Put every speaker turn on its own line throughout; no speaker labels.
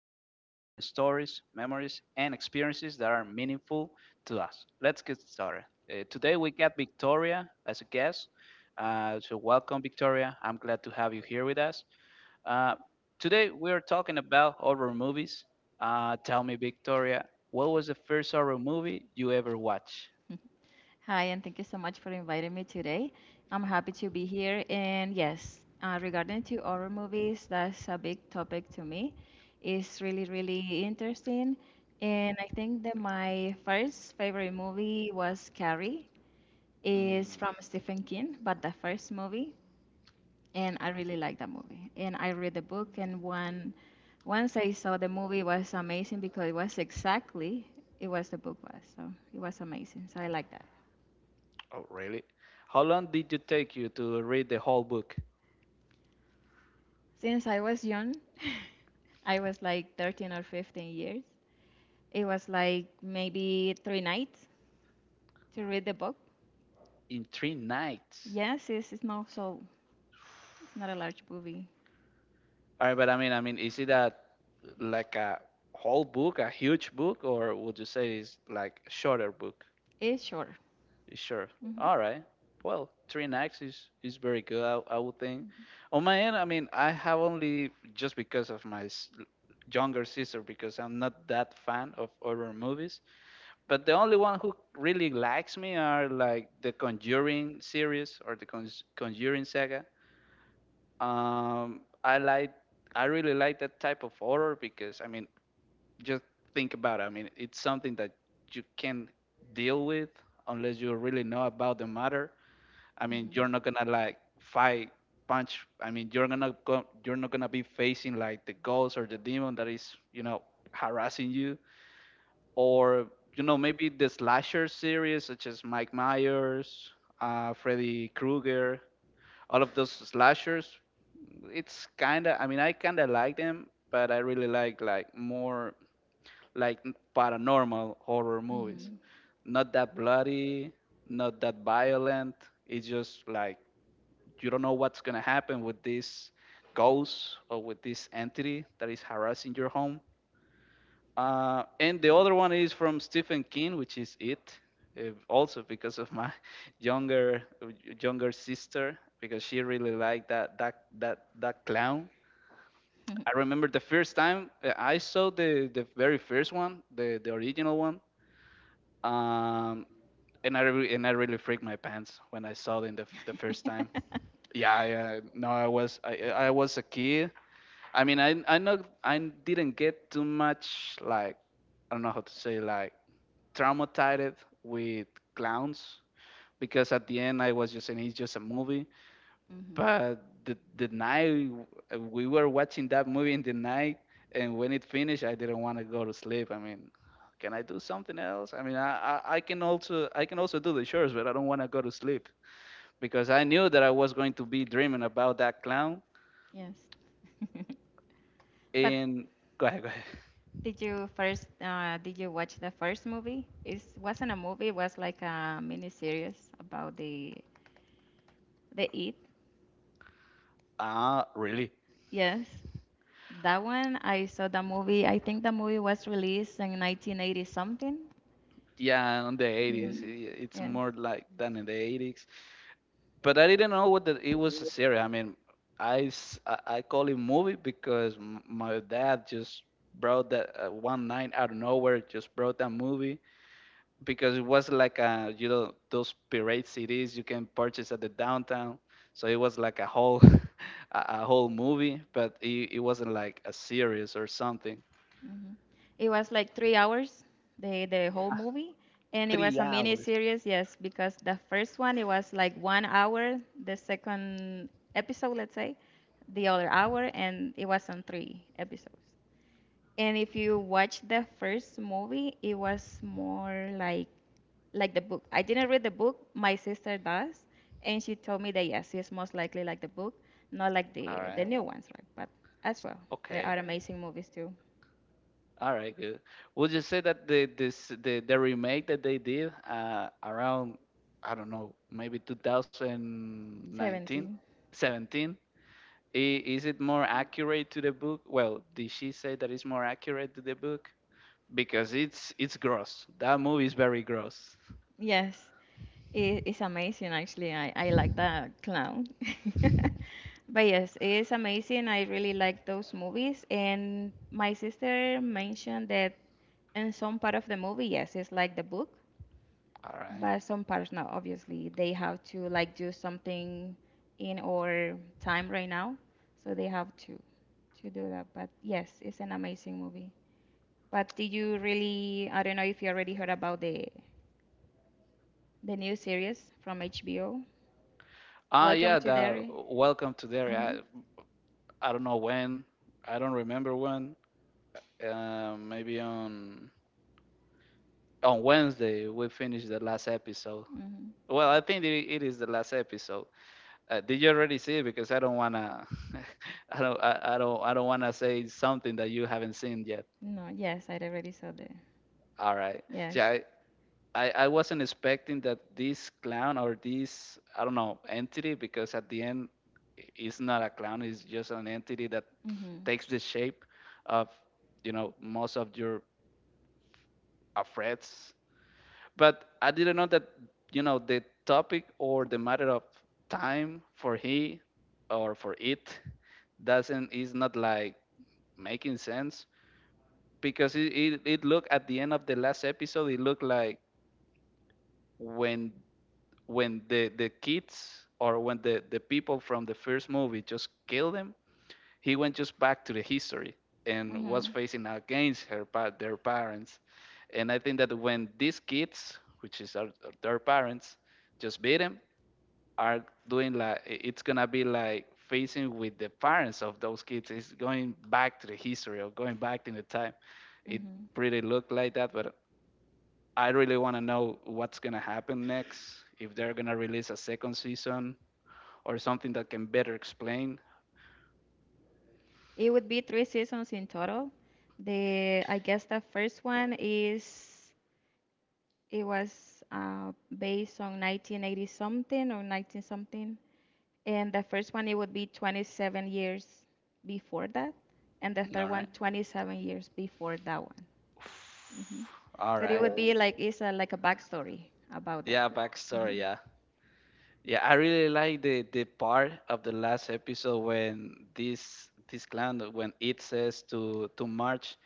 Today, we're sharing stories, memories, and experiences that are meaningful to us. Let's get started. Today, we got Victoria as a guest. Welcome, Victoria. I'm glad to have you here with us. Uh, today, we are talking about horror movies. Tell me, Victoria, what was the first horror movie you ever watched?
Hi, and thank you so much for inviting me today. I'm happy to be here. And yes, regarding to horror movies, that's a big topic to me. It's really interesting. And I think that my first favorite movie was Carrie. It's from Stephen King, but the first movie. And I really like that movie. And I read the book, and once I saw the movie, it was amazing because it was exactly it was the book was. So it was amazing. So I like that.
Oh, really? How long did it take you to read the whole book?
Since I was young, I was like 13 or 15 years. It was like maybe three nights to read the book.
In three nights.
Yes, it's not so, it's not a large movie.
All right, but I mean, is it a like a whole book, a huge book, or would you say it's like shorter book?
It's short.
It's sure.
Hmm
All right. Well, three nights is very good. I would think. On my end, I mean, I have only just because of my younger sister because I'm not that fan of horror movies. But the only one who really likes me are like the Conjuring series or the Conjuring saga. I like I really like that type of horror because I mean, just think about it. I mean, it's something that you can deal with unless you really know about the matter. I mean, you're not gonna like fight, punch. I mean, you're gonna go, you're not gonna be facing like the ghost or the demon that is, you know, harassing you or you know maybe the slasher series such as Mike Myers, Freddy Krueger, all of those slashers. It's kind of I mean I kind of like them, but I really like more like paranormal horror movies.
hmm
Not that bloody, not that violent. It's just like you don't know what's gonna happen with this ghost or with this entity that is harassing your home, and the other one is from Stephen King, which is It. Also because of my younger younger sister, because she really liked that clown. I
hmm
remember the first time, I saw the very first one, the original one. Um, and I really freaked my pants when I saw it in the the first time. Yeah, I, no, I was a kid. I mean, I know I didn't get too much like I don't know how to say like traumatized with clowns because at the end I was just saying it's just a movie.
hmm
But the night we were watching that movie in the night, and when it finished, I didn't want to go to sleep. I mean, can I do something else? I mean, I can also do the chores, but I don't want to go to sleep because I knew that I was going to be dreaming about that clown.
Yes. But
And go ahead, go ahead.
did you first, did you watch the first movie? It wasn't a movie, it was like a mini series about the eat.
Ah, really?
Yes. That one, I saw the movie. I think the movie was released in 1980 something.
Yeah, on the 80s.
Hmm
It's
Yes.
more like than in the 80s. But I didn't know what the, it was a series. I mean, I call it movie because my dad just brought that, one night out of nowhere, just brought that movie because it was like a, you know, those pirate CDs you can purchase at the downtown. So it was like a whole a whole movie, but it wasn't like a series or something.
hmm It was like 3 hours, the whole movie, and it was
Three
a mini
hours.
series. Yes, because the first one it was like 1 hour, the second episode, let's say, the other hour, and it was on three episodes. And if you watch the first movie, it was more like the book. I didn't read the book. My sister does, and she told me that yes, it's most likely like the book, not like
All
the
right.
new ones, right? But as well, there
Okay.
are amazing movies too.
All right, good. Would you say that the remake that they did, around I don't know, maybe 2019,
Seventeen.
17, i- is it more accurate to the book? Well, did she say that it's more accurate to the book? Because it's gross. That movie is very gross.
Yes, it's amazing actually. I like that clown. But yes, it is amazing. I really like those movies. And my sister mentioned that in some part of the movie, yes, it's like the book,
All right.
but some partners now, obviously, they have to like do something in our time right now, so they have to do that. But yes, it's an amazing movie. But did you really? I don't know if you already heard about the new series from HBO.
Ah,
Welcome
yeah,
to
the
Derry.
Welcome to Derry.
Mhm.
I don't know when. I don't remember when. Maybe on Wednesday we finished the last episode.
Mhm.
Well, I think it is the last episode. Did you already see it? Because I don't wanna, I don't wanna say something that you haven't seen yet.
No, yes, I already saw the
All right.
yes.
Yeah, I wasn't expecting that this clown or this, I don't know, entity. Because at the end, it's not a clown. It's just an entity that
Mhm.
takes the shape of, you know, most of your, threats but I didn't know that you know the topic or the matter of time for he or for it doesn't is not like making sense because it looked at the end of the last episode it looked like when the kids or when the people from the first movie just kill them he went just back to the history and was
Mhm.
facing against their parents. And I think that when these kids, which is their parents, just beat him, are doing like it's gonna be like facing with the parents of those kids. It's going back to the history or going back in the time. It
Mhm.
pretty looked like that, but I really want to know what's gonna happen next. If they're gonna release a second season or something that can better explain.
It would be three seasons in total. The I guess the first one is it was based on 1980 something or 19 something. And the first one, it would be 27 years before that. And the third
All
one,
right.
27 years before that one. Hmm
All
So it
right.
would be right. Like, it's a, like a backstory about that.
Yeah, backstory.
Hmm
Yeah, yeah. I really like the part of the last episode when this clan when it says to March,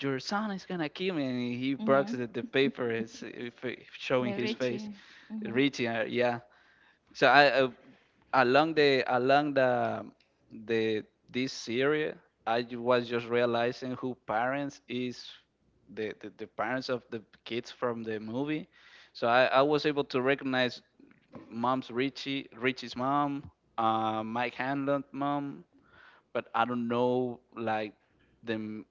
your son is gonna kill me, and he breaks
hmm
the paper is if, showing
The
his face.
Richie. Hmm
Richie, yeah, so I along the the this series, I was just realizing who parents is the parents of the kids from the movie. So I was able to recognize mom's Richie's mom, Mike Hanlon's mom, but I don't know like the m-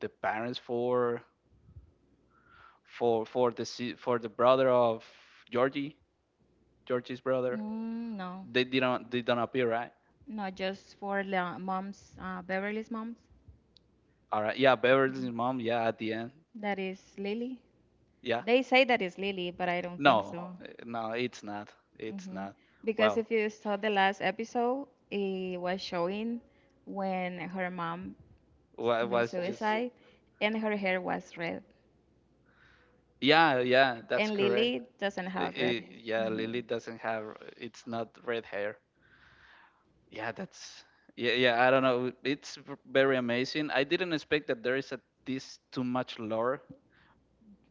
the parents for the brother of Georgie Georgie's brother.
Mm, no,
They don't appear, right?
no, just for the moms, Beverly's moms.
All right. Yeah,
Mhm.
Beverly's mom. Yeah, at the end.
That is Lily.
Yeah.
They say that is Lily, but I don't think
No,
so.
no, it's not. It's
Hmm
not.
Because
Well,
if you saw the last episode, it was showing when her mom
wa-
made
was just.
suicide and her hair was red.
Yeah, yeah, that's
And
correct.
Lily doesn't have red hair.
Yeah,
Hmm
Lily doesn't have. It's not red hair. Yeah, that's. Yeah, yeah. I don't know. It's very amazing. I didn't expect that there is a, this too much lore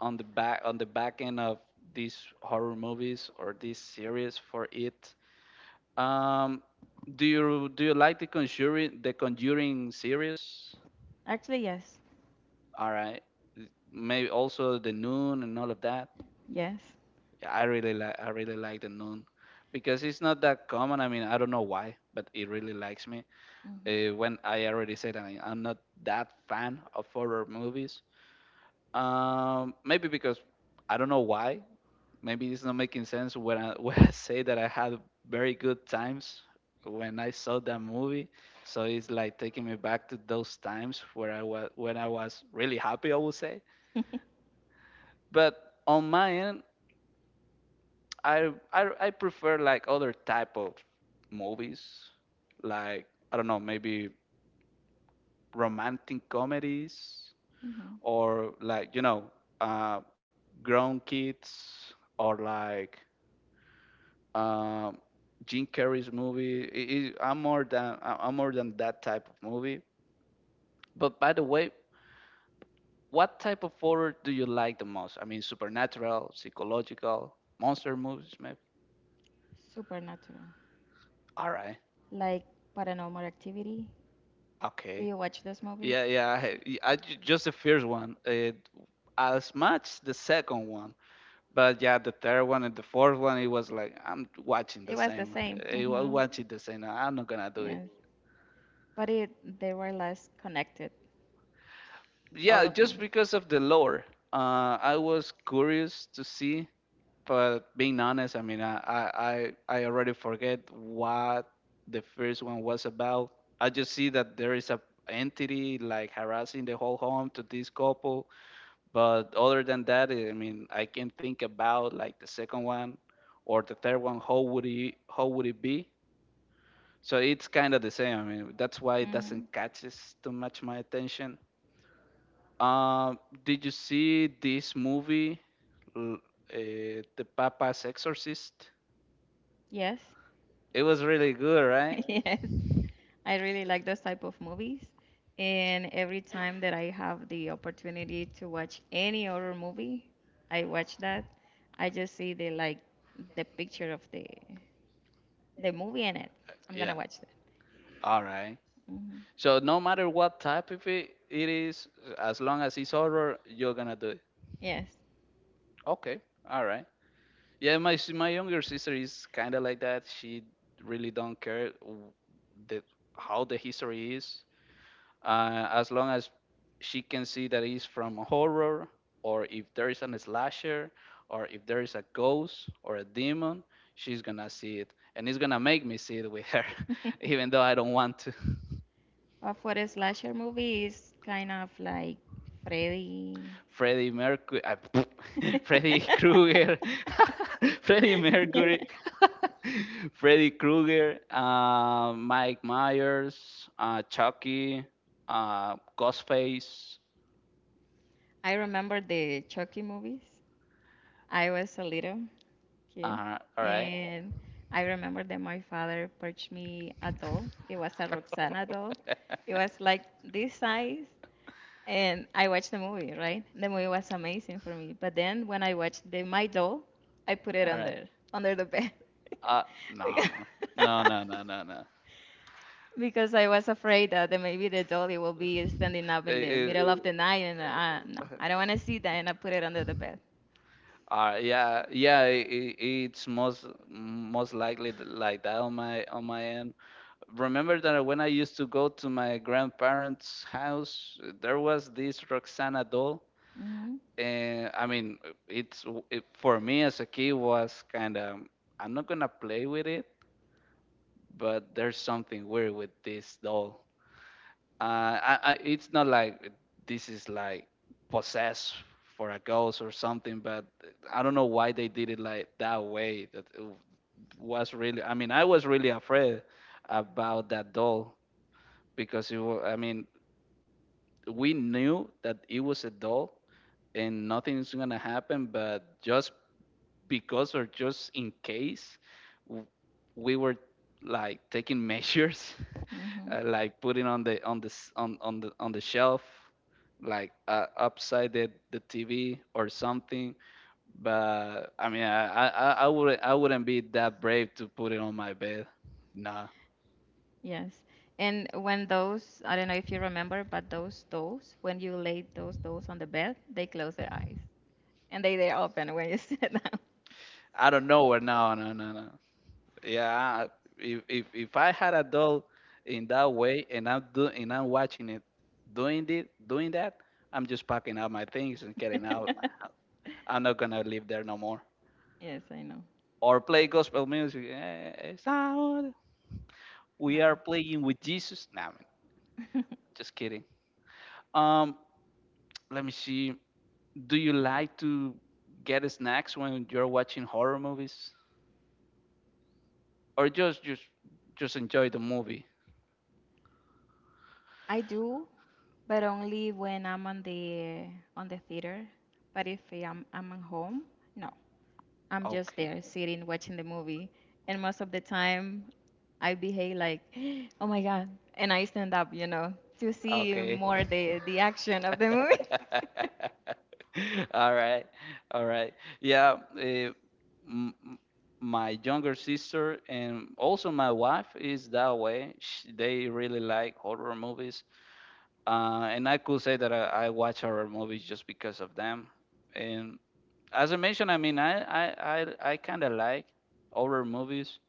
on the back end of these horror movies or this series for it. Um, do you like the Conjuring series?
Actually, yes.
All right, maybe also the Noon and all of that.
Yes.
Yeah, I really like the Noon because it's not that common. I mean, I don't know why, but it really likes me.
hmm
When I already said that I'm not that fan of horror movies. Maybe because I don't know why. Maybe it's not making sense when I when I say that I had very good times when I saw that movie. So it's like taking me back to those times where I was when I was really happy, I would say. But on my end, I prefer like other type of movies, like I don't know, maybe romantic comedies
hmm
or like you know, uh, grown kids or like Um, Jim Carrey's movie. I'm more than that type of movie. But by the way, what type of horror do you like the most? I mean, supernatural, psychological, monster movies, maybe.
Supernatural.
All right.
Like Paranormal Activity. Do
Okay.
you watch those movies?
Yeah, yeah. I, Just the first one. It, as much the second one. But yeah, the third one and the fourth one, it was like
It was the same.
I was
Hmm
watching the same. I'm not gonna do
Yes. But it they were less connected, all
yeah,
of
just
them.
because of the lore, I was curious to see. But being honest, I mean, I I already forget what the first one was about. I just see that there is a entity like harassing the whole home to this couple. But other than that, I mean, I can think about like the second one or the third one. How would it be? So it's kind of the same. I mean, that's why it
Hmm
doesn't catches too much my attention, um, did you see this movie, L- The Papa's Exorcist?
Yes.
It was really good, right?
Yes. I really like those type of movies. And every time that I have the opportunity to watch any horror movie, I watch that. I just see the like the picture of the movie in it. I'm gonna
Yeah.
watch that.
All right.
Hmm
So no matter what type of it is, as long as it's horror, you're gonna do it.
Yes.
Okay. All right. Yeah, my younger sister is kind of like that. She really don't care the how the history is. As long as she can see that it's from a horror, or if there is a slasher, or if there is a ghost or a demon, she's gonna see it, and it's gonna make me see it with her, even though I don't want to.
But for a slasher movie is kind of like Freddy.
Freddie Mercury, Freddie Krueger, Freddie Mercury, Freddie Krueger, Mike Myers, Chucky, Ghostface.
I remember the Chucky movies. I was a little. Cute.
All right.
And I remember that my father purchased me a doll. It was a Roxana doll. It was like this size. And I watched the movie, right? The movie was amazing for me. But then when I watched the My Doll, I put it
All right.
under the bed
Uh, no,
because,
no.
because I was afraid that maybe the doll it will be standing up in the
Eh,
middle of the night, and no,
eh,
I don't want to see that, and I put it under the bed.
yeah, yeah. It's most likely like that on my end. Remember that when I used to go to my grandparents' house, there was this Roxana doll,
Hmm
and I mean, it for me as a kid was kind of, I'm not gonna play with it, but there's something weird with this doll. Uh, I it's not like this is like possessed for a ghost or something, but I don't know why they did it like that way. That it was really, I mean, I was really afraid about that doll because it was, I mean, we knew that it was a doll and nothing's gonna happen, but just because, or just in case, w- we were like taking measures
hmm
like putting on the shelf like, upside the TV or something. But I mean, I wouldn't, I wouldn't be that brave to put it on my bed. Nah,
Yes. And when those, I don't know if you remember, but those dolls, when you laid those dolls on the bed, they close their eyes and they open when you sit down.
I don't know where. No, no, no, no. Yeah, if I had a dog in that way and I'm do and I'm watching it doing that, I'm just packing up my things and getting out. I'm not gonna live there no more.
Yes, I know.
Or play gospel music. Eh, it's out. We
No.
are playing with Jesus. Nah, man, just kidding. Um, Let me see. Do you like to get snacks when you're watching horror movies, or just enjoy the movie?
I do, but only when I'm on the theater. But if I'm at home, no. I'm just
Okay.
there sitting watching the movie, and most of the time I behave like, "Oh my God," and I stand up, you know, to see
Okay.
more the action of the movie.
All right. All right. Yeah. Eh, m- m- my younger sister and also my wife is that way. Sh They really like horror movies, and I could say that I watch horror movies just because of them. And as I mentioned, I mean, I kind of like horror movies.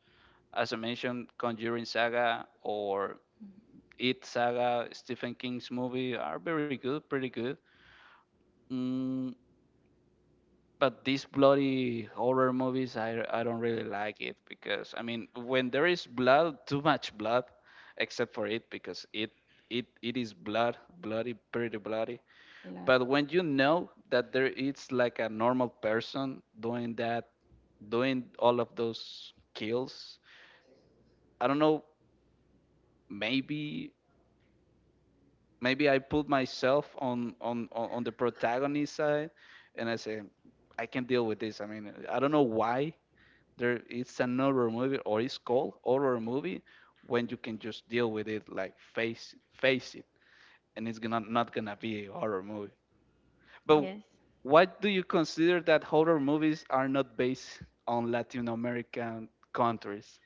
As I mentioned, Conjuring saga or It Saga, Stephen King's movie are very good, pretty good. Mm, but these bloody horror movies, I don't really like it, because I mean, when there is blood, too much blood, except for it because it is blood, bloody, pretty bloody.
Lot.
But when you know that there it's like a normal person doing that, doing all of those kills, I don't know, maybe I put myself on the protagonist side, and I say I can deal with this. I mean, I don't know why there it's an horror movie, or it's called horror movie when you can just deal with it, like face it, and it's gonna, not gonna be a horror movie. But
Yes,
what do you consider that horror movies are not based on Latin American countries,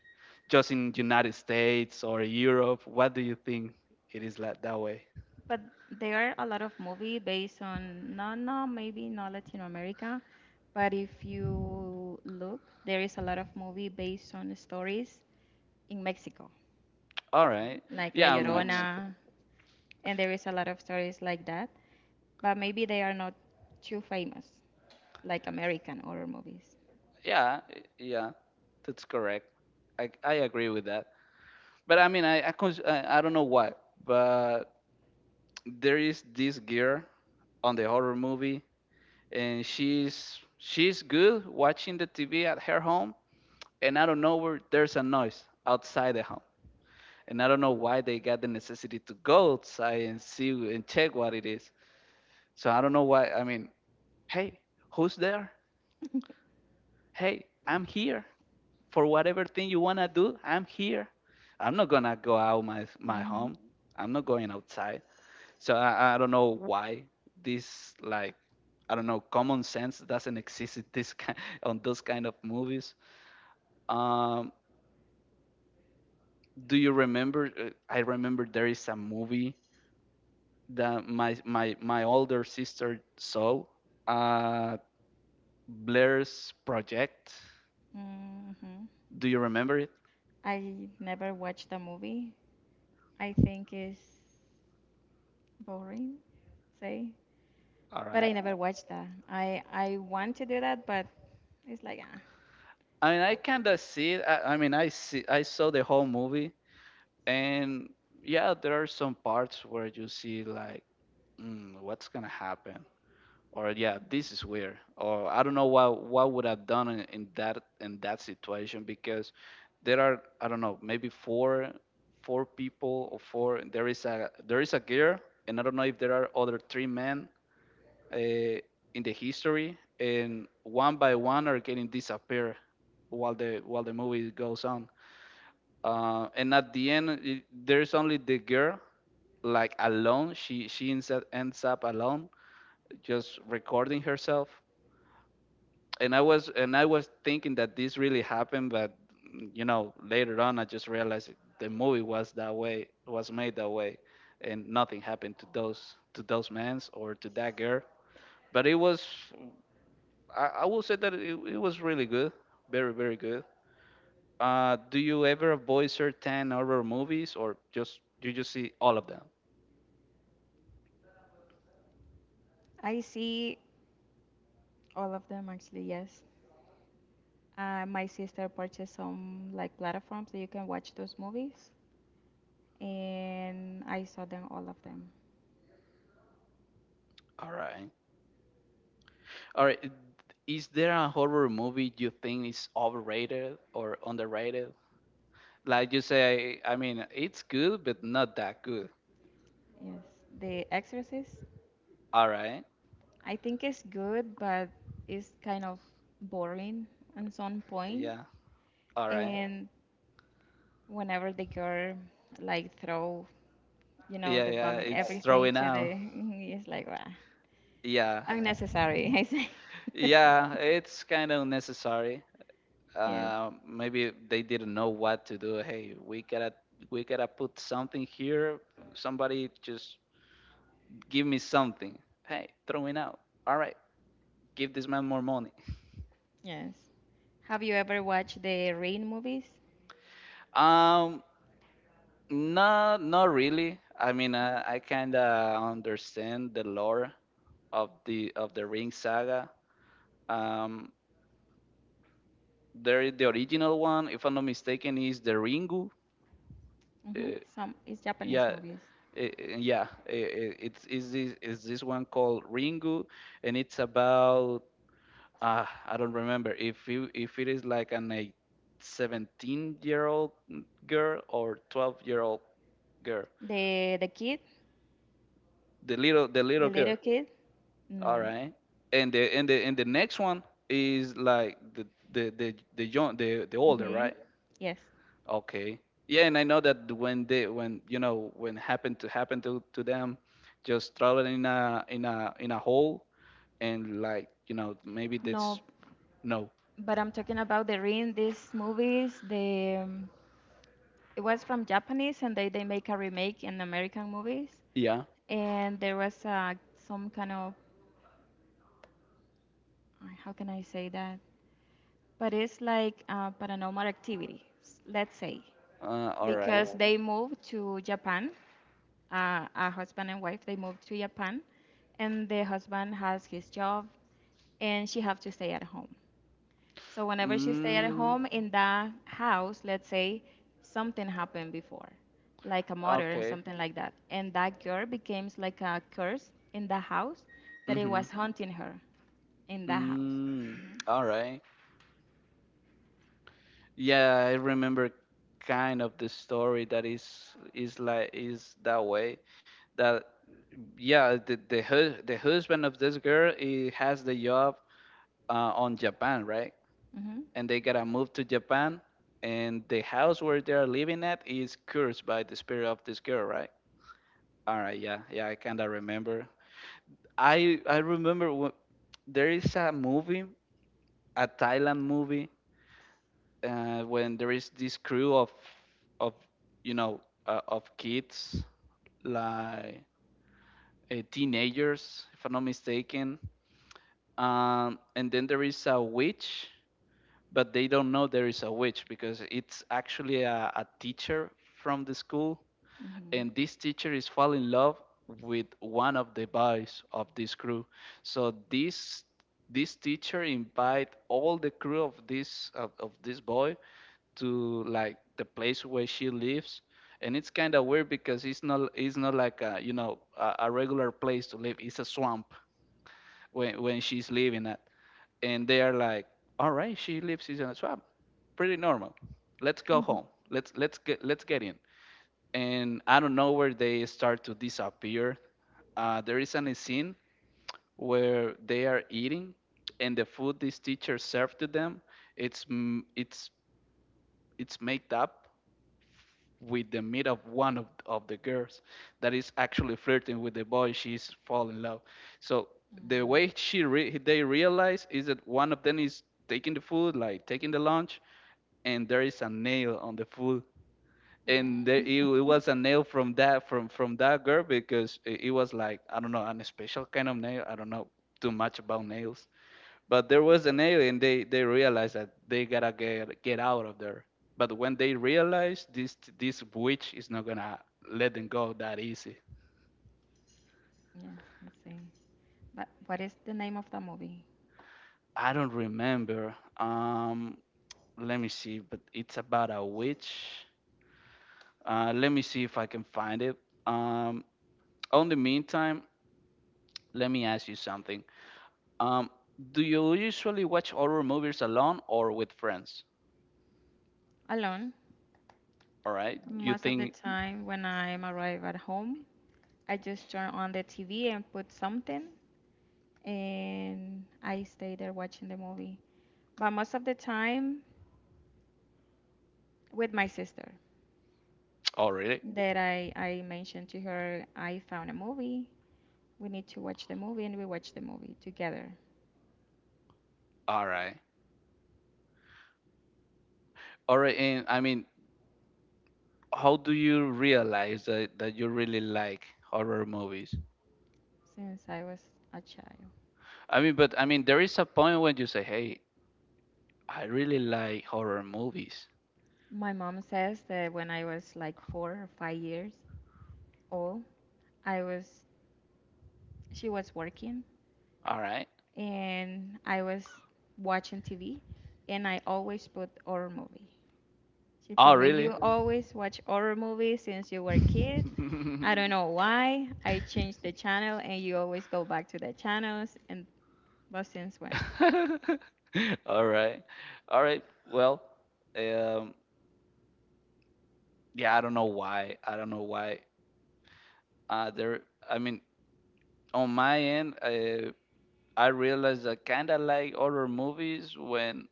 just in United States or Europe? What do you think it is like that way?
but there are a lot of movie based on no, no, maybe not Latin America, but if you look, there is a lot of movie based on stories in Mexico,
All right.
like La
Yeah,
yeah, me.
I'm Mexico.
Llorona, and there is a lot of stories like that. But maybe they are not too famous, like American horror movies.
Yeah, yeah, that's correct. I agree with that. But I mean, I, cons- I don't know why, but there is this girl on the horror movie, and she's good watching the TV at her home, and I don't know where there's a noise outside the home, and I don't know why they got the necessity to go outside and see and check what it is. So I don't know why. I mean, hey, who's there? Hey, I'm here. For whatever thing you want to do, I'm here. I'm not going to go out my
Mhm.
home. I'm not going outside. So I don't know why this, like, I don't know, common sense doesn't exist in this kind, on those kind of movies. Um do you remember, I remember there is a movie that my older sister saw, uh Blair's Project.
Mhm.
Do you remember it?
I never watched a movie. I think it's boring. Say.
All
But
right.
I never watched that. I want to do that, but it's like ah.
I mean, I kind of see it. I mean, I saw the whole movie, and yeah, there are some parts where you see like, mm, what's gonna happen, or yeah, this is weird, or I don't know what would have done in that, situation, because there are, I don't know, maybe four people or four. There is a, there is a girl, and I don't know if there are other three men, uh, in the history, and one by one are getting disappear while the movie goes on. And at the end, there's only the girl like alone. She ends up alone, just recording herself. And I was thinking that this really happened, but you know, later on I just realized the movie was that way, was made that way, and nothing happened to those men or to that girl. But it was, I will say that it was really good, very good. Do you ever avoid certain horror movies, or just you just see all of them?
I see all of them actually. Yes, my sister purchased some like platforms that you can watch those movies, and I saw them all of them.
All right, all right. Is there a horror movie you think is overrated or underrated? Like you say, I mean, it's good, but not that good.
Yes, The Exorcist.
All right,
I think it's good, but it's kind of boring on some point.
yeah, all right,
And whenever the girl like throw, you know,
yeah,
the
yeah.
vomit
It's
everything
throwing
to
out.
the, it's like wow.
Yeah,
Unnecessary, I say.
yeah. It's kind of necessary.
Yes,
Maybe they didn't know what to do. Hey, we gotta, put something here. Somebody just give me something. Hey, throw it out. All right, give this man more money.
yes. Have you ever watched the Rain movies?
Um, no, not really. I mean, I kind of understand the lore of the Ring saga. Um, there the original one, if I'm not mistaken, is the Ringu.
Hmm
Uh,
Some it's Japanese
yeah
movies.
yeah it's, is this one called Ringu, and it's about, I don't remember if if it is like an a 17-year-old year old girl or 12-year-old year old girl,
The kid,
the
the
little girl.
little kid.
All
No.
right. And the and the and the next one is like the young, the older,
hmm
right?
Yes.
Okay. Yeah, and I know that when you know when happened to happen to them, just traveling in a, in a hole, and like, you know, maybe
No,
that's no.
but I'm talking about the Rain. These movies, the it was from Japanese, and they make a remake in American movies.
Yeah.
And there was some kind of how can I say that? But it's like paranormal activity, let's say.
All right.
Because they moved to Japan. A husband and wife, they moved to Japan, and the husband has his job, and she have to stay at home. So whenever she stay at
Mm,
home in that house, let's say something happened before, like a murder and
okay.
something like that, and that girl becomes like a curse in the house that it
Mm-hmm.
was haunting her in that house.
Mm, all right. Yeah, I remember kind of the story that is like, is that way, that yeah, the the husband of this girl, he has the job, on Japan, right?
Hmm hmm
And they gotta move to Japan, and the house where they're living at is cursed by the spirit of this girl, right? All right, yeah, yeah, I kinda remember. I remember, there is a movie, a Thailand movie, when there is this crew of, of you know, of kids like, teenagers, if I'm not mistaken. And then there is a witch, but they don't know there is a witch, because it's actually a teacher from the school,
hmm
and this teacher is fall in love with one of the boys of this crew. So this, teacher invite all the crew of of this boy to like the place where she lives, and it's kind of weird, because it's not, it's not like, a you know, a regular place to live. It's a swamp, when she's leaving that, and they are like, all right, she lives in a swamp, pretty normal. Let's go
Mhm.
home. Let's get in. And I don't know where they start to disappear. There is an scene where they are eating, and the food this teacher served to them, it's m- it's it's made up with the meat of of the girls that is actually flirting with the boy she's fall in love. So the
Mm,
way they realize is that one of them is taking the food, like taking the lunch, and there is a nail on the food, and it was a nail from that girl, because it was like, I don't know, an special kind of nail. I don't know too much about nails, but there was an alien. They realized that they gotta get out of there. But when they realized, this, witch is not gonna let them go that easy.
yes, I see. But what is the name of the movie?
I don't remember. Let me see. But it's about a witch. Let me see if I can find it. Um, on the meantime, let me ask you something. Um, do you usually watch horror movies alone or with friends?
Alone.
All right. You
Most of the
think?
time, when I am arrive at home, I just turn on the TV and put something, and I stay there watching the movie. But most of the time, with my sister,
Oh, really?
that I mentioned to her, I found a movie. We need to watch the movie, and we watch the movie together
All right. All right. And I mean, how do you realize that, that you really like horror movies?
since I was a child.
I mean, but I mean, there is a point when you say, "Hey, I really like horror movies."
My mom says that when I was like 4 or 5 years old, I was she was working
All right.
and I was watching TV and I always put horror movie. She
Oh,
told me
really?
you always watch horror movies since you were a kid. I don't know why. I changed the channel and you always go back to the channels and but since when?
All right. All right. Well, um, yeah, I don't know why. I don't know why. There. I mean, on my end, I realized I kind of like horror movies when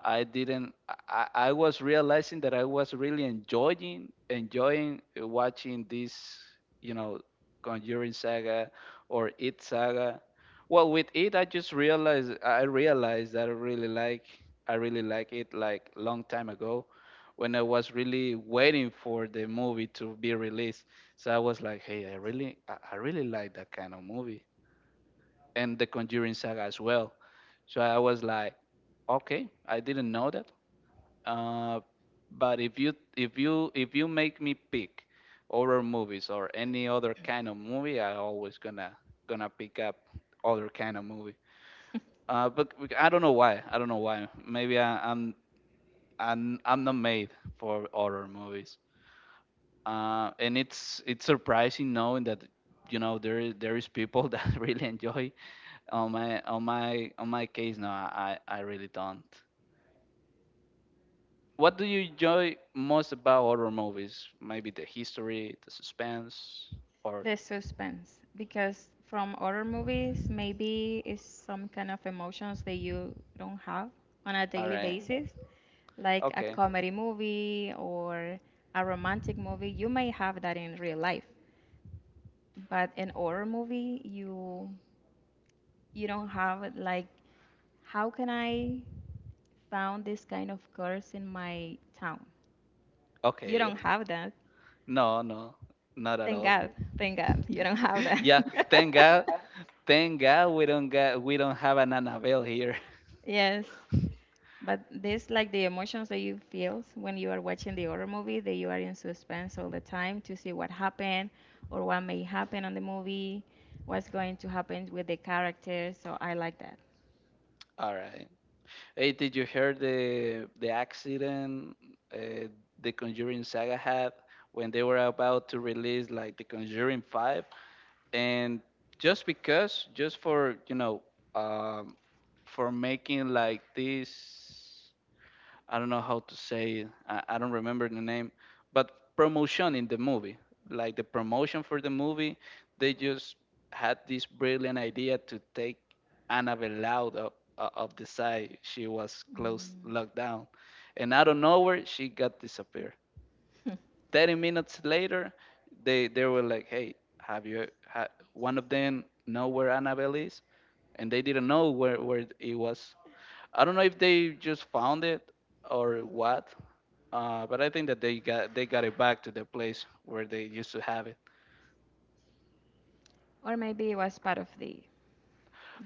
I didn't. I was realizing that I was really enjoying watching this, you know, Conjuring Saga or It Saga. Well, with it, I realized that I really like it like long time ago, when I was really waiting for the movie to be released. So I was like, hey, I really like that kind of movie and the Conjuring Saga as well. So I was like, okay, I didn't know that uh, but if you make me pick horror movies or any other kind of movie, I always gonna pick up other kind of movie. I don't know why. I don't know why. Maybe I, I'm not made for horror movies. And it's surprising knowing that there is people that really enjoy. On my case, no, I really don't. What do you enjoy most about horror movies? Maybe the history, the suspense, or
The suspense because from horror movies maybe it's some kind of emotions that you don't have on a
all
daily
right,
basis like a
okay,
comedy movie or a romantic movie you may have that in real life. But in horror movie, you don't have it like how can I found this kind of curse in my town? You
okay.
don't have that.
No, no, not at
Thank
all.
God. Thank God. You don't have
Yeah,
that.
thank God, thank God we don't have an Annabelle here.
Yes, but this like the emotions that you feel when you are watching the horror movie, that you are in suspense all the time to see what happened or what may happen on the movie, what's going to happen with the characters. So I like that.
All right. Hey, did you hear the accident uh, the Conjuring Saga had when they were about to release like the Conjuring Five? And just because just for you know um for making like this, I don't know how to say it. I don't remember the name, but promotion in the movie, like the promotion for the movie, they just had this brilliant idea to take Annabelle out of the side she was close
Mm.
locked down, and out of nowhere she got disappeared 30 minutes later. They were like, "Hey, have you?" One of them know where Annabelle is, and they didn't know where it was. I don't know if they just found it or what, but I think that they got it back to the place where they used to have it.
Or maybe it was part of the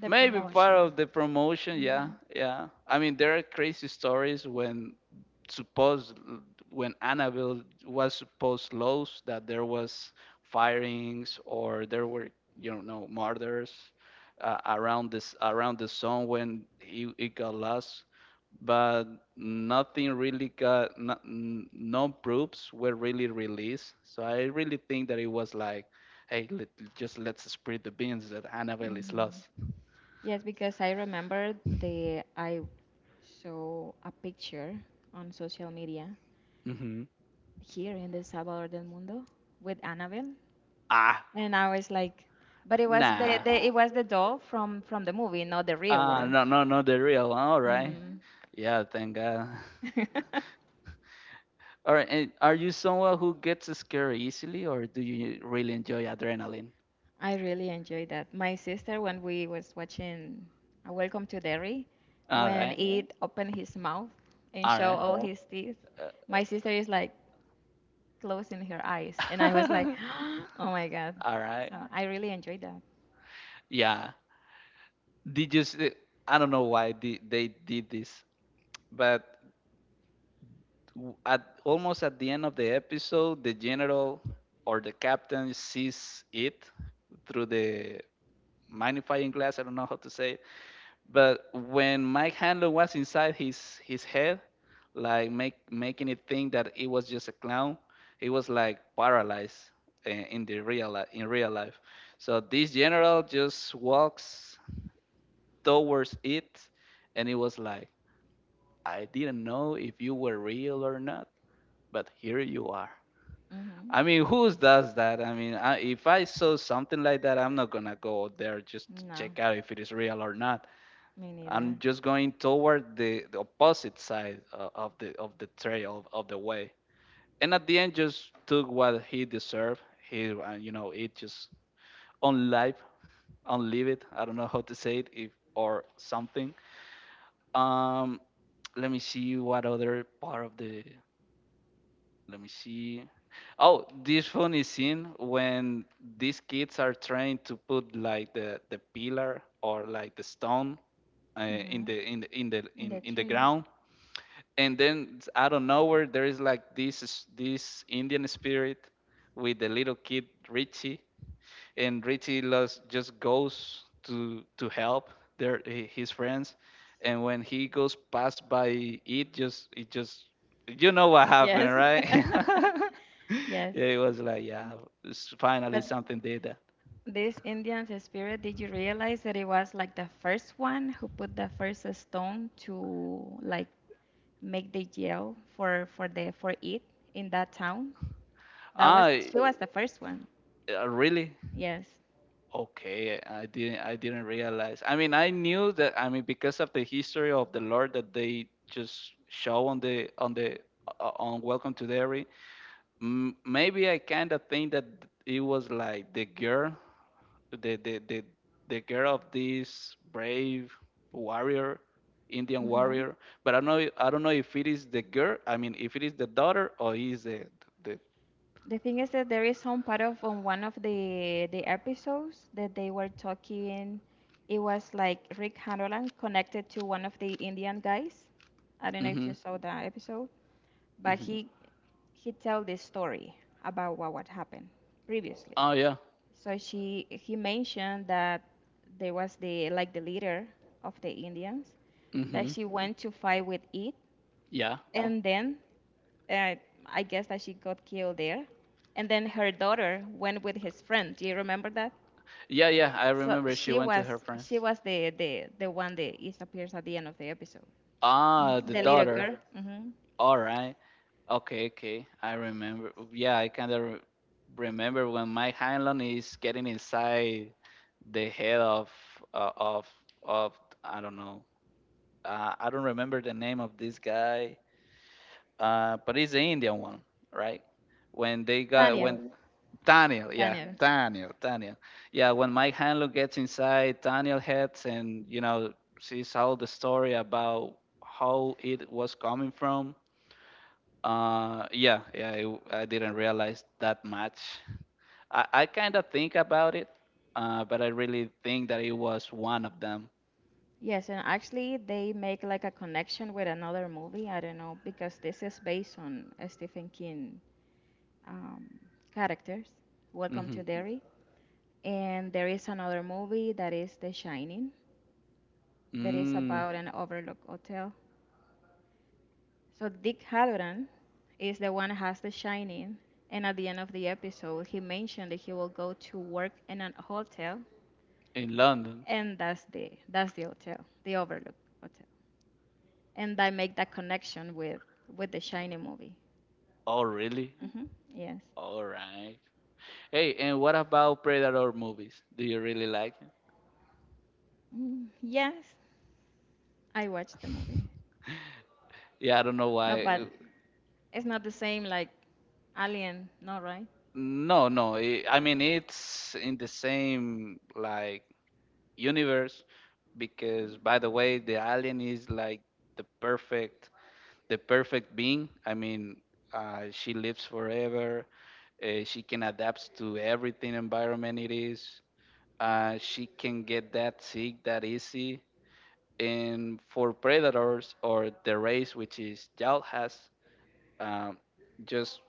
the
Maybe part
promotion.
of the promotion, yeah, yeah. I mean, there are crazy stories supposed when Annabelle was supposed lost, that there was firings or there were murders, around the zone when it got lost, but nothing really got no, n- no proofs were really released. So I really think that it was like, hey, just let's spread the beans that Annabelle is
Hmm
lost.
Yes, because I remember the I saw a picture on social media
Hmm.
here in the Salvador del Mundo with Annabelle,
Ah,
and I was like, but it was
nah.
the it was the doll from the movie, not the real
Ah,
one.
no, no, no, the real one. All right.
Hmm
Yeah, thank God. All right. And are you someone who gets scared easily, or do you really enjoy adrenaline?
I really enjoyed that. My sister, when we was watching Welcome to Derry,
All
when
right.
it opened his mouth and
All
show
right.
all his teeth, my sister is like, closing her eyes. And I was like,
Uh,
oh my God.
All right.
So I really enjoyed that.
Yeah. Did you? I don't know why they did this, but at almost at the end of the episode, the general or the captain sees it through the magnifying glass. I don't know how to say it. But when Mike Handler was inside his head, like make making it think that it was just a clown, he was like paralyzed, in real life. So this general just walks towards it, and it was like, I didn't know if you were real or not, but here you are.
Hmm
I mean, who does that? I mean, if I saw something like that, I'm not gonna go there just to
No,
check out if it is real or not.
me
I'm
neither.
just going toward the opposite side, of the trail of the way. And at the end, just took what he deserved. He it just on life, on it. I don't know how to say it, if or something. Um, Let me see what other part of the. Let me see. Oh, this funny scene when these kids are trying to put like the pillar or like the stone,
Hmm
in the in the in the
In the
in the
tree.
ground, and then out of nowhere there is like this Indian spirit with the little kid Richie, and Richie just goes to help his friends, and when he goes past by it just you know what happened,
Yes.
right?
Yes.
Yeah, it was like, yeah, it's finally
But
something did that.
this Indian's spirit, did you realize that it was like the first one who put the first stone to like make the jail for the for it in that town? That was
I
she was the first one.
really
Yes.
okay. I didn't realize. I mean, I knew that. I mean, because of the history of the Lord that they just show on the on the on Welcome to Derry, maybe I kind of think that it was like the girl, the the the the girl of this brave warrior, Indian warrior. But I don't know if it is the girl. I mean, if it is the daughter or is the.
The thing is that there is some part of on one of the episodes that they were talking. It was like Rick Hanrahan connected to one of the Indian guys. I don't know if you
Mhm.
saw that episode, but
Mhm.
he tell this story about what happened previously.
Oh, yeah.
So she he mentioned that there was the like the leader of the Indians that
Mhm.
she went to fight with it,
Yeah.
yeah. And then uh, I guess that she got killed there. And then her daughter went with his friend. Do you remember that?
Yeah, yeah. I
So
remember she
she
went to
was
her friends.
she was the one that disappears at the end of the episode.
Ah,
Mhm.
the
The little, right,
daughter.
girl. Hmm. Daniel,
All right. Okay, okay. I remember. Yeah, I kind of remember when Mike Hanlon is getting inside the head uh, of of I don't know. I don't remember the name of this guy, but he's the Indian one, right? When they got when Daniel, yeah,
Daniel.
Daniel, Daniel, yeah. When Mike Hanlon gets inside, Daniel heads and sees all the story about how it was coming from. Yeah, yeah. I didn't realize that much. I kind of think about it, but I really think that it was one of them.
Yes, and actually they make like a connection with another movie. I don't know because this is based on Stephen King um, characters. Welcome
Mm-hmm.
to Derry. And there is another movie that is The Shining that is
Mm,
about an overlook hotel. So Dick Halloran is the one who has the shining, and at the end of the episode, he mentioned that he will go to work in a hotel,
in London.
and that's the hotel, the Overlook Hotel, and I make that connection with the shining movie.
Oh, really?
Hmm. Yes.
All right. Hey, and what about Predator movies? Do you really like it?
Mm, yes, I watched the movie.
Yeah, I don't know
No,
why.
but it's not the same like Alien, no, right?
No, no. I mean, it's in the same like universe because, by the way, the alien is like the perfect, the perfect being. I mean, she lives forever. She can adapt to everything environment it is. She can get that sick that easy. And for predators or the race, which is Yalhas, um, just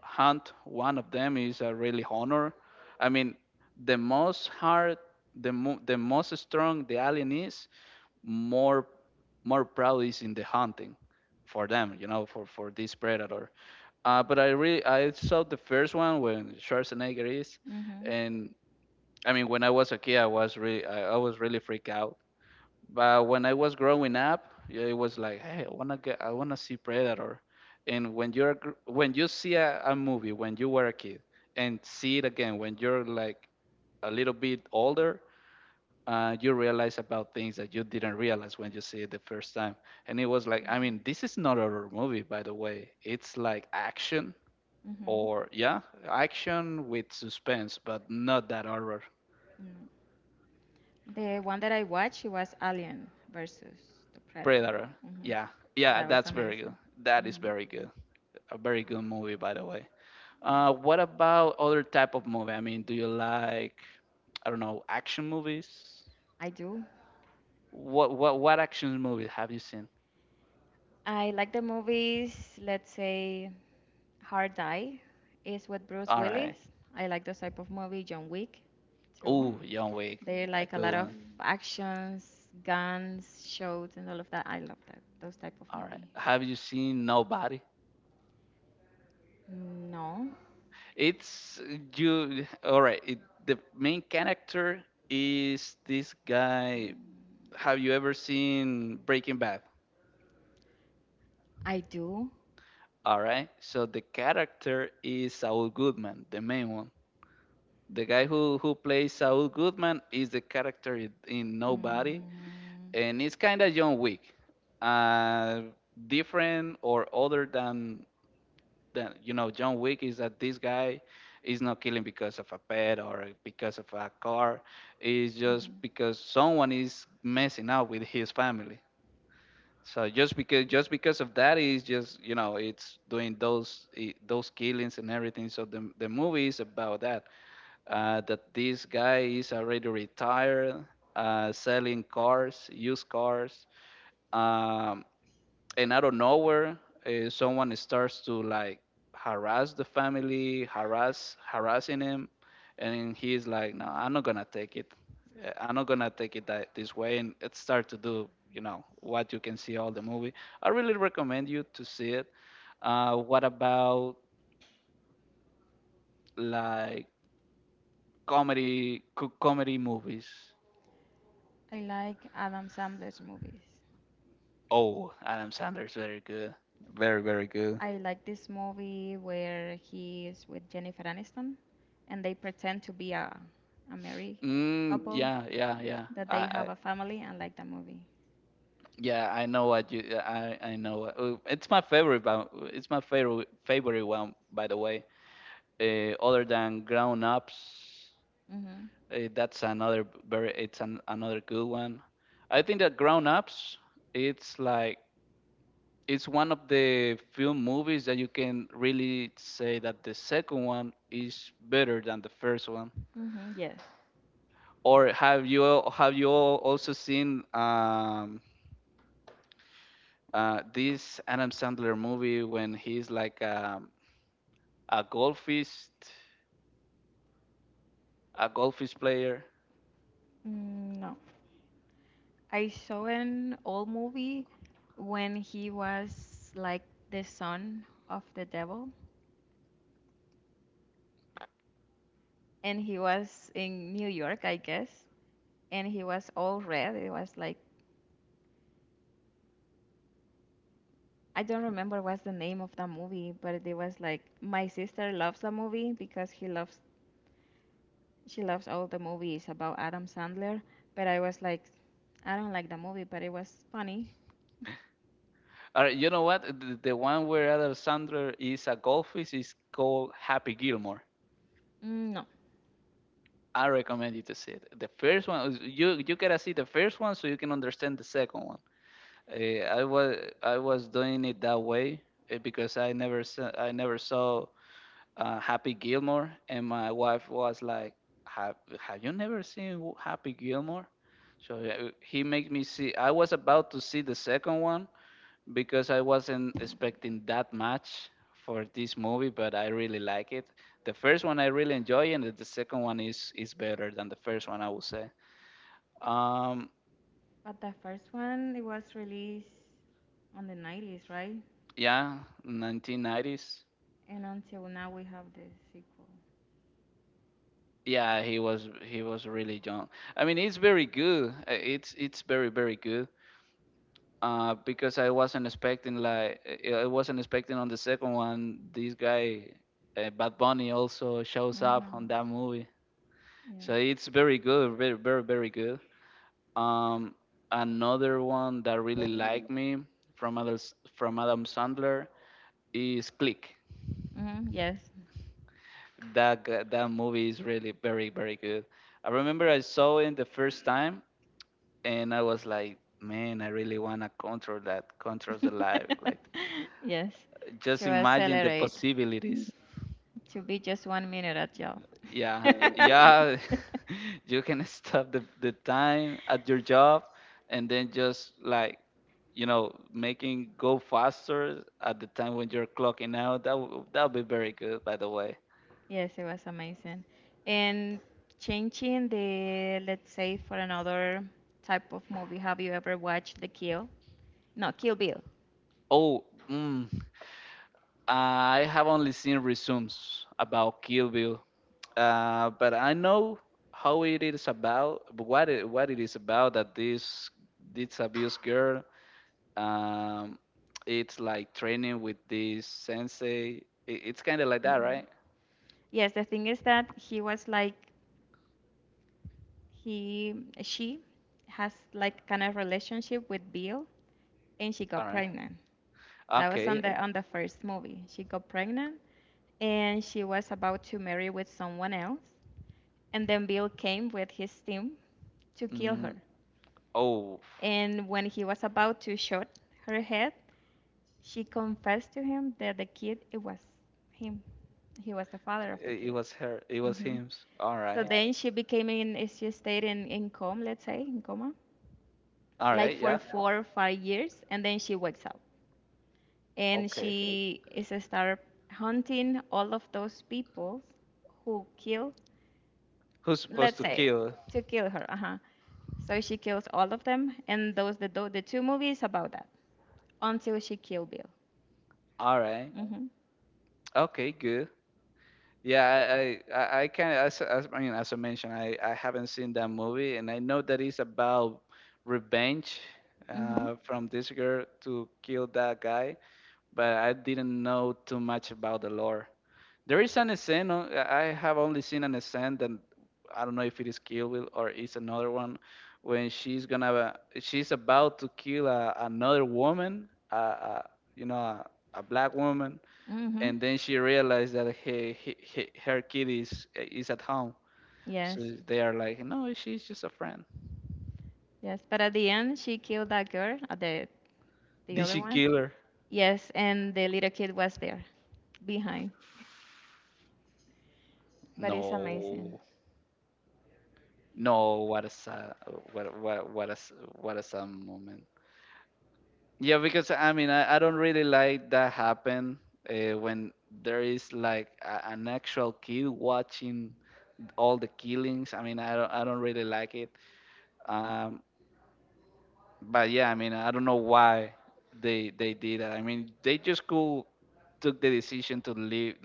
hunt one of them is a really honor. I mean, the most hard, the most strong the alien is, more more proud is in the hunting for them. You know, for this predator. But I saw the first one when Schwarzenegger is,
Mm-hmm.
and I mean when I was a kid I was really freaked out, but when I was growing up, yeah, it was like, hey, I wanna see Predator. And when when you see a movie when you were a kid and see it again when you're like a little bit older, you realize about things that you didn't realize when you see it the first time. And it was like, I mean,
Mm-hmm.
this is not a horror movie, by the way. It's like action
Mm-hmm.
or, yeah, action with suspense, but not that horror.
Mm. The one that I watched, it was Alien versus the Predator.
Predator.
Hmm.
Yeah, yeah,
That was
that's very good.
amazing.
That is
Hmm.
very good. A very good movie, by the way.
Yeah,
What about other type of movie? I mean, do you like, I don't know, action movies?
I do.
What action movies have you seen?
I like the movies. Let's say Hard Die is with Bruce
All right.
Willis. I like those type of movie. John Wick, too.
Oh, John Wick,
They
a
like a
good
lot of
one.
actions, guns, shows, and all of that. I love that those type of
All right.
movie.
Have you seen Nobody?
No,
It's you. All right. The main character is this guy. Have you ever seen Breaking Bad?
I do.
All right. So the character is Saul Goodman, the main one. The guy who plays Saul Goodman is the character in Nobody,
Mm-hmm.
and it's kind of John Wick, uh, different or other than John Wick is that this guy is not killing because of a pet or because of a car. It's just because someone is messing up with his family. So just because of that is just it's doing those killings and everything. So the movie is about that this guy is already retired, selling cars, used cars, um, and out of nowhere, someone starts to like harass the family, harassing him, and he's like, "No, I'm not gonna take it. I'm not gonna take it that this way." And it start to do what you can see all the movie. I really recommend you to see it. What about like comedy comedy movies?
I like Adam Sandler's movies.
Oh, Adam Sandler is very good. Very, very good.
I like this movie where he is with Jennifer Aniston and they pretend to be a married
Mm,
couple,
yeah, yeah, yeah.
that they have
I
a family. I like that movie.
yeah, I know what you I know. It's my favorite, but it's my favorite one, by the way. Other than Grown Ups,
Hmm.
uh, that's another b- very it's an, another good one. I think that Grown Ups it's like, it's one of the few movies that you can really say that the second one is better than the first one.
Mm-hmm, yes.
Or have you also seen this Adam Sandler movie when he's like, a golfist player?
Mm, no. I saw an old movie when he was like the son of the devil and he was in New York, I guess, and he was all red. It was like I don't remember what's the name of that movie, but it was like my sister loves that movie because he loves she loves all the movies about Adam Sandler. But I was like, I don't like the movie, but it was funny.
Or you know what? The one where Adam Sandler is a golfist is called Happy Gilmore.
Mm, no,
I recommend you to see it. The first one, you gotta see the first one so you can understand the second one. Uh, I was I was doing it that way, because I never saw Happy Gilmore, and my wife was like, "Have Have you never seen Happy Gilmore?" So he made me see. I was about to see the second one because I wasn't expecting that much for this movie, but I really like it. The first one I really enjoy, and the second one is better than the first one, I would say. Um,
but the first one it was released on the 90s, right?
yeah, 1990s.
And until now we have the sequel.
Yeah, he was really young. I mean, it's very good. It's very very good, because I wasn't expecting, like I wasn't expecting on the second one this guy, Bad Bunny, also shows up on that movie. So
Mm-hmm.
it's very good, very very very good. Um, Another one that really liked me from others from Adam Sandler is Click.
Yes.
That movie is really very very good. I remember I saw it the first time and I was like, man, I really wanna control that, control
Mm-hmm.
the life,
Yes.
like
Yes. To
just imagine the
accelerate,
possibilities.
to be just 1 minute at job.
Yeah, yeah, you can stop the time at your job and then just like, making go faster at the time when you're clocking out. That'll be very good, by the way.
Yes, it was amazing. And changing the, let's say, for another type of movie, have you ever watched The Kill? No, Kill Bill.
Oh, mm, I have only seen resumes about Kill Bill, but I know how it is about, what it is about, that this abused girl. Um, it's like training with this sensei. It's kind of like that,
Mhm.
right?
Yes, the thing is that he was like, he, she has like kind of relationship with Bill, and she
All
got
right.
pregnant. That was
Okay.
on the first movie. She got pregnant, and she was about to marry with someone else, and then Bill came with his team to kill her.
Mm, oh,
And when he was about to shoot her head, she confessed to him that the kid it was him, he was the father of the
it
kid.
was her. It was
hmm
him. All
so
right.
then she became she stayed in coma, let's say in coma,
All
like
right.
for
Yeah.
4 or 5 years, and then she wakes up and
Okay.
she is a start hunting all of those people who kill,
Who's supposed
let's
to
say,
kill?
to kill her. Uh-huh. So she kills all of them, and those, the two movies about that until she kill Bill.
All right.
Mm-hmm.
Okay. Good. Yeah, I kind of, as I mean, as I mentioned, I haven't seen that movie, and I know that it's about revenge,
Mm-hmm.
from this girl to kill that guy, but I didn't know too much about the lore. There is an scene on- I have only seen an scene that I don't know if it is Kill Bill or it's another one when she's about to kill another woman, you know, a, a black woman,
Mm-hmm.
and then she realized that her kid is at home. So
Yes.
they are like, no, she's just a friend.
Yes, but at the end she killed that girl, the
Did
other
she
one.
kill her?
Yes, and the little kid was there behind. But it's amazing.
No, no. What a sad, what a s- what a sad moment. Yeah, because I mean, I don't really like that happen, when there is like an actual kid watching all the killings. I mean, I don't really like it. Um, But yeah, I mean, I don't know why they did that. I mean, they just could took the decision to leave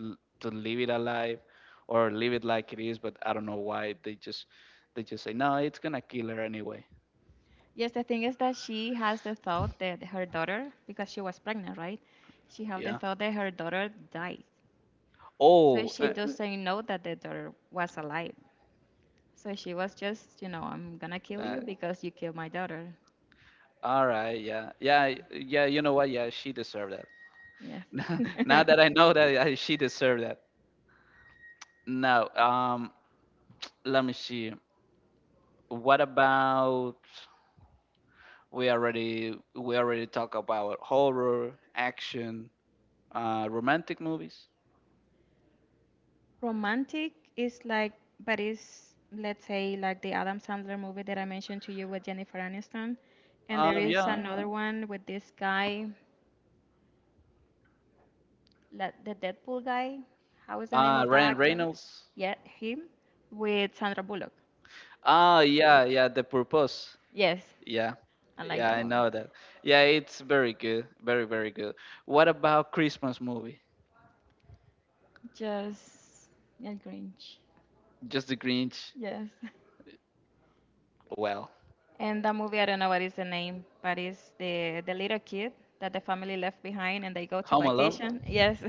to leave it alive, or leave it like it is. But I don't know why they just say no, it's gonna kill her anyway.
Yes, the thing is that she has the thought that her daughter, because she was pregnant, right? She had the
Yeah.
thought that her daughter died. So
Oh,
she doesn't know that the daughter was alive. So she was just, you know, I'm gonna kill
uh,
you because you killed my daughter.
all right. Yeah, yeah, yeah. You know what? Yeah, she deserved
Yes.
that. Now that I know that, she deserved that. Now, let me see. What about? We already talk about horror, action, romantic movies.
Romantic is like, but it's, let's say, like the Adam Sandler movie that I mentioned to you with Jennifer Aniston. And there is
Yeah.
another one with this guy, like the Deadpool guy. How is the name of the
Ryan
actor?
Reynolds.
Yeah, him with Sandra Bullock.
Ah, yeah, yeah. The Purpose.
Yes,
Yeah,
I like
yeah.
that
I
movie.
know that. Yeah, it's very good. Very, very good. What about Christmas movie?
Just El Grinch.
Just the Grinch.
Yes.
Well,
And that movie, I don't know what is the name, but it's the little kid that the family left behind and they go to
Home Alone.
vacation. Yes.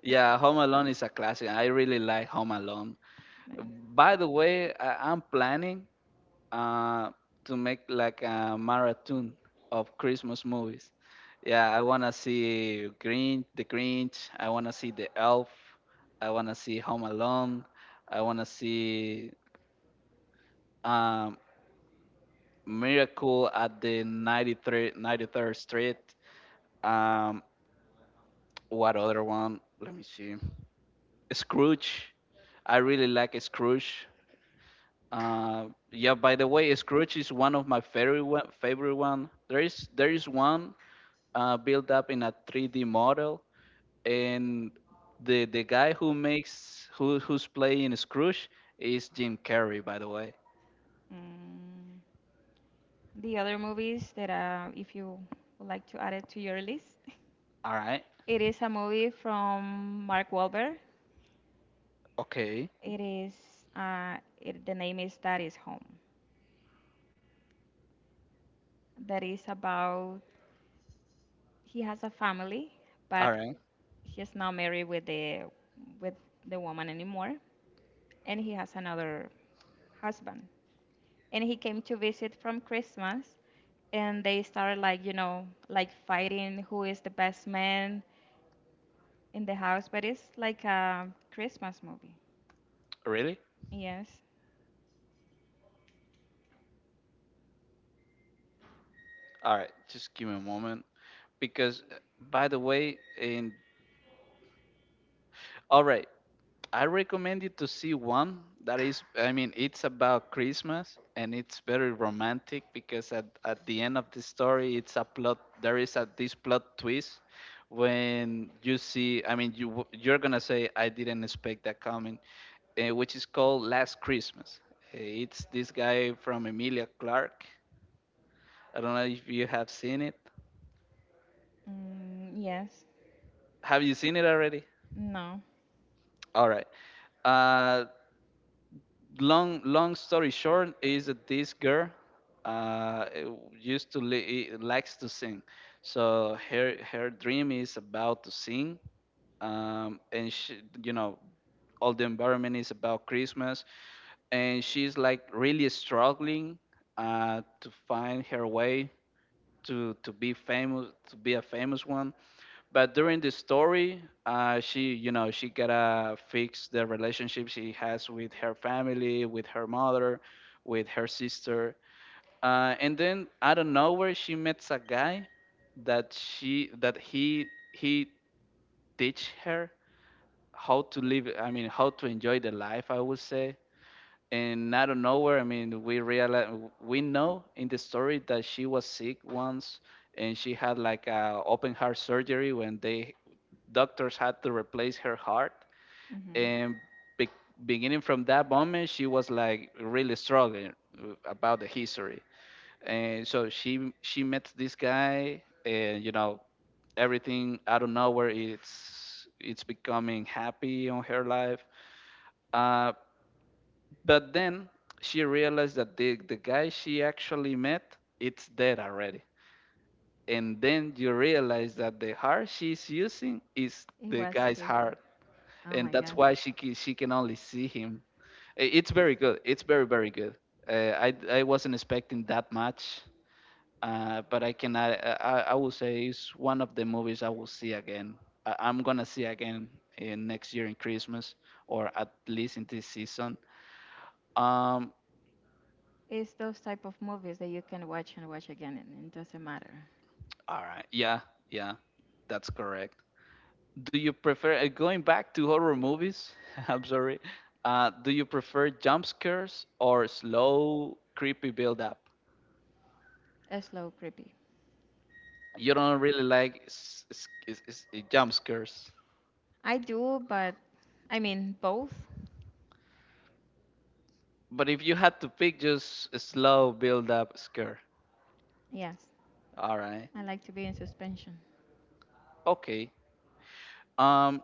Yeah, Home Alone is a classic. I really like Home Alone.
Like,
By the way, I'm planning, uh, to make like a marathon of Christmas movies. Yeah, I wanna see Grinch, The Grinch. I wanna see The Elf. I wanna see Home Alone. I wanna see, um, Miracle at the 93rd Street. Um, what other one? Let me see. Scrooge. I really like Scrooge. Yeah. By the way, Scrooge is one of my favorite one, favorite one. There is one built up in a 3D model, and the guy who makes who who's playing Scrooge is Jim Carrey, by the way.
mm. The other movies that, if you would like to add it to your list,
All right.
it is a movie from Mark Wahlberg.
Okay.
It is, the name is That Is Home. That is about he has a family,
All
but
right.
he's not married with the woman anymore, and he has another husband. And he came to visit from Christmas, and they started like like fighting who is the best man in the house, but it's like a Christmas movie.
Really?
Yes.
All right. Just give me a moment, because, by the way, in all right, I recommend you to see one that is, I mean, it's about Christmas and it's very romantic because at the end of the story, it's a plot, there is this plot twist when you see, I mean, you're gonna say, I didn't expect that coming, which is called Last Christmas. It's this guy from Emilia Clarke. I don't know if you have seen it.
Mm, yes.
Have you seen it already?
No.
All right. Uh, Long story short is that this girl, uh likes to sing, so her dream is about to sing, and she all the environment is about Christmas, and she's like really struggling, to find her way, to be famous, to be a famous one, but during the story, she she gotta fix the relationship she has with her family, with her mother, with her sister, and then out of nowhere she meets a guy that she that he teach her how to live, I mean, how to enjoy the life, I would say, and out of nowhere, I mean, we know in the story that she was sick once, and she had like a open heart surgery when they doctors had to replace her heart,
Hmm.
and be- beginning from that moment, she was like really struggling, about the history, and so she met this guy, and everything out of nowhere, it's becoming happy on her life. Uh, but then she realized that the guy she actually met, it's dead already. And then you realize that the heart she's using is
It
the
was
guy's
his.
heart.
Oh
And
my
that's
God.
why she can only see him. It's very good. It's very, very good. I wasn't expecting that much, but I can I will say it's one of the movies I will see again. I'm gonna see again in next year in Christmas, or at least in this season. Um,
It's those type of movies that you can watch and watch again, and it doesn't matter.
All right. Yeah, yeah, that's correct. Do you prefer, going back to horror movies? I'm sorry. Do you prefer jump scares or slow, creepy build up?
A slow creepy.
You don't really like jump scares.
I do, but I mean both.
But if you had to pick just a slow build up scare,
Yes.
all right.
I like to be in suspension.
Okay. Um,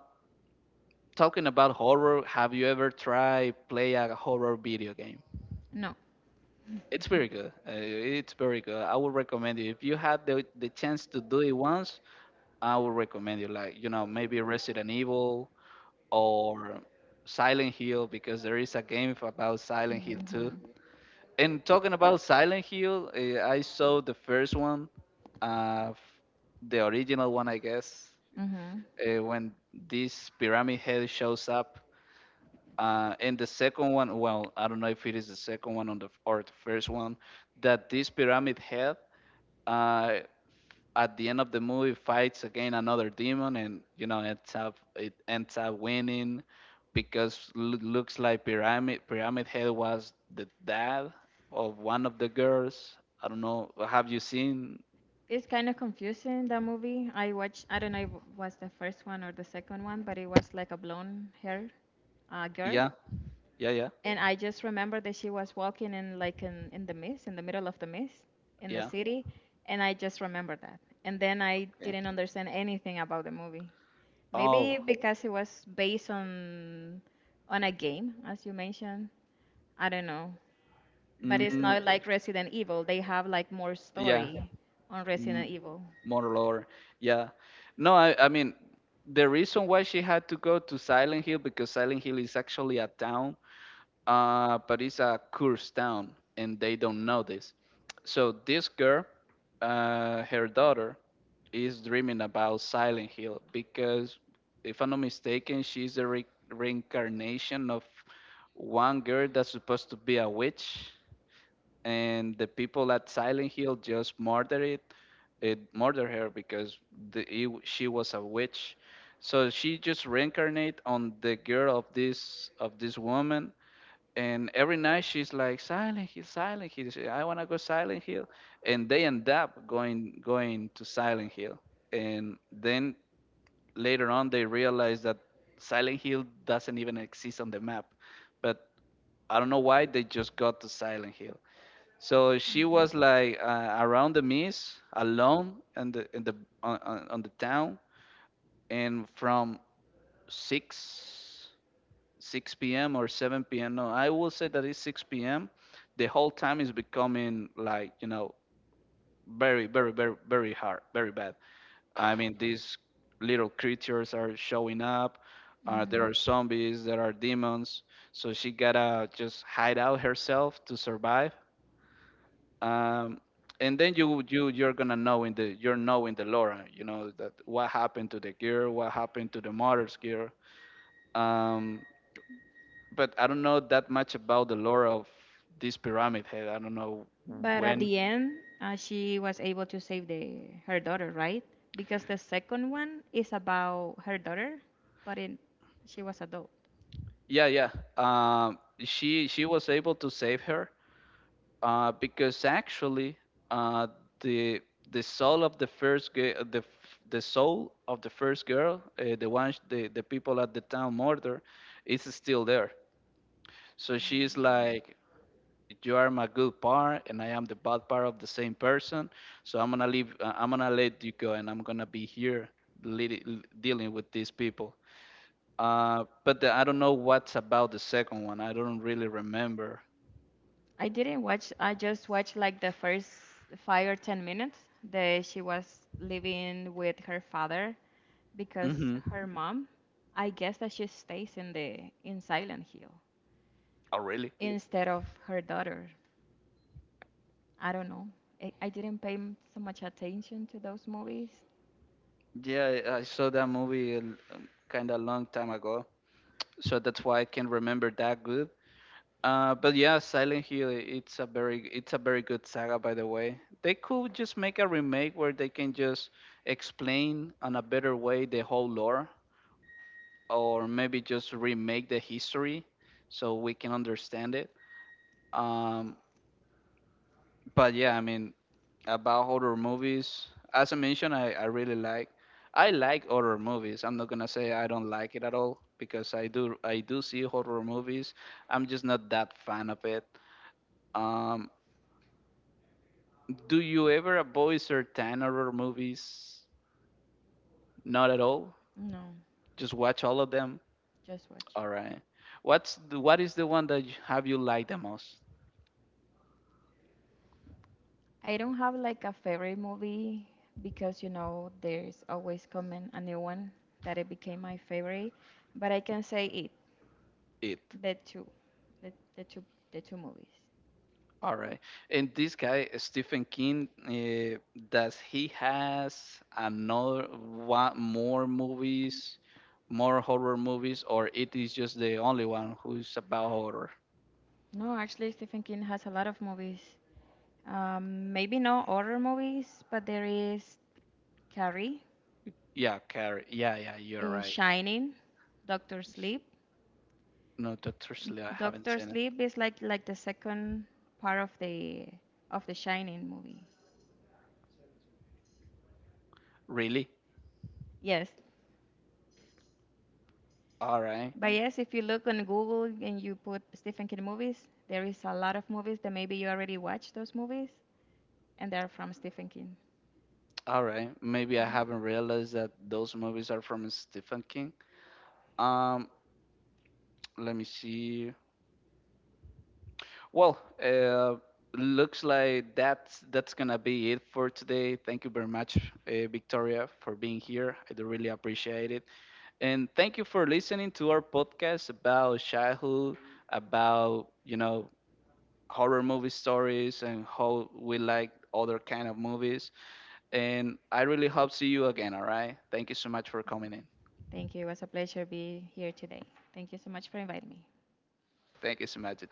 Talking about horror, have you ever tried play a horror video game?
No.
It's very good. It's very good. I would recommend you if you had the chance to do it once. I would recommend you, like, maybe Resident Evil or Silent Hill, because there is a game about Silent Hill too.
Hmm.
And talking about Silent Hill, I saw the first one, uh, f- the original one, I guess,
Hmm.
when this Pyramid Head shows up. And the second one, well, I don't know if it is the second one on the or the first one, that this Pyramid Head, uh, at the end of the movie, fights again another demon, and you know ends up it ends up winning because looks like Pyramid Head was the dad of one of the girls. I don't know, have you seen?
It's kind of confusing that movie. I watched. I don't know if it was the first one or the second one, but it was like a blonde hair girl.
Yeah, yeah, yeah,
And I just remember that she was walking in like in the mist, in the middle of the mist in the
yeah.
city, and I just remember that. And then I
Okay.
didn't understand anything about the movie. Maybe
Oh,
because it was based on a game, as you mentioned. I don't know. But it's
mm,
not like Resident Evil. They have like more
yeah.
story on
m-
Resident Evil.
more lore. Yeah, no, I mean the reason why she had to go to Silent Hill, because Silent Hill is actually a town, but it's a curse town, and they don't know this. So this girl, her daughter, is dreaming about Silent Hill because, if I'm not mistaken, she's a reincarnation of one girl that's supposed to be a witch, and the people at Silent Hill just murder her because she was a witch. So she just reincarnate on the girl of this woman, and every night she's like, Silent Hill, Silent Hill. I wanna go Silent Hill, and they end up going to Silent Hill, and then later on they realize that Silent Hill doesn't even exist on the map, but I don't know why they just got to Silent Hill. So she was like, around the mist, alone in the on the town, and from six six p.m. or 7 p.m. No, I will say that it's 6 p.m. The whole time is becoming, like, very very very very hard, very bad. I mean, these little creatures are showing up. There are
Hmm.
zombies, there are demons. So she gotta just hide out herself to survive, um, and then you're gonna know, in the you're knowing the lore, that what happened to the gear, what happened to the mother's gear, um, but I don't know that much about the lore of this Pyramid Head. I don't know
But at
when.
the end, she was able to save the her daughter, right? Because the second one is about her daughter, but in she was adult.
Yeah, yeah. She was able to save her, because actually, uh, the the soul of the soul of the first girl, the people at the town murder is still there. So she's like, "You are my good part, and I am the bad part of the same person. So I'm gonna leave. I'm gonna let you go, and I'm gonna be here dealing with these people." But I don't know what's about the second one. I don't really remember.
I didn't watch. I just watched like the first 5 or 10 minutes that she was living with her father because
Hmm.
her mom, I guess that she stays in Silent Hill
Oh, really?
instead of her daughter. I don't know. I didn't pay so much attention to those movies.
Yeah, I saw that movie kind of long time ago, so that's why I can remember that. But yeah, Silent Hill, it's a very good saga, by the way. They could just make a remake where they can just explain on a better way the whole lore, or maybe just remake the history so we can understand it. Um, but yeah, I mean about horror movies, as I mentioned, I like horror movies. I'm not gonna say I don't like it at all, because I do see horror movies. I'm just not that fan of it. Um, Do you ever avoid certain horror movies? Not at all.
No,
Just watch all of them.
just watch.
All right. What's what is the one that have you liked the most?
I don't have like a favorite movie because you know there's always coming a new one that it became my favorite, but I can say it,
It.
the two, the, the two, the two movies.
All right. And this guy Stephen King, does he has another one more movies, more horror movies, or it is just the only one who's about horror?
No, actually Stephen King has a lot of movies. Maybe no horror movies, but there is Carrie,
Yeah, Carrie. Yeah, yeah, you're right.
Shining, Doctor Sleep.
No, Doctor Sleep. I haven't
Doctor
seen it.
Sleep is like the second part of the Shining movie.
Really?
Yes,
All right.
but yes, if you look on Google and you put Stephen King movies, there is a lot of movies that maybe you already watched those movies, and they're from Stephen King.
All right, maybe I haven't realized that those movies are from Stephen King. Um, Let me see. Well, looks like that's gonna be it for today. Thank you very much, Victoria, for being here. I do really appreciate it, and thank you for listening to our podcast about childhood, about horror movie stories, and how we like other kind of movies. And I really hope see you again. All right, thank you so much for coming in.
Thank you. It was a pleasure to be here today. Thank you so much for inviting me.
Thank you so much.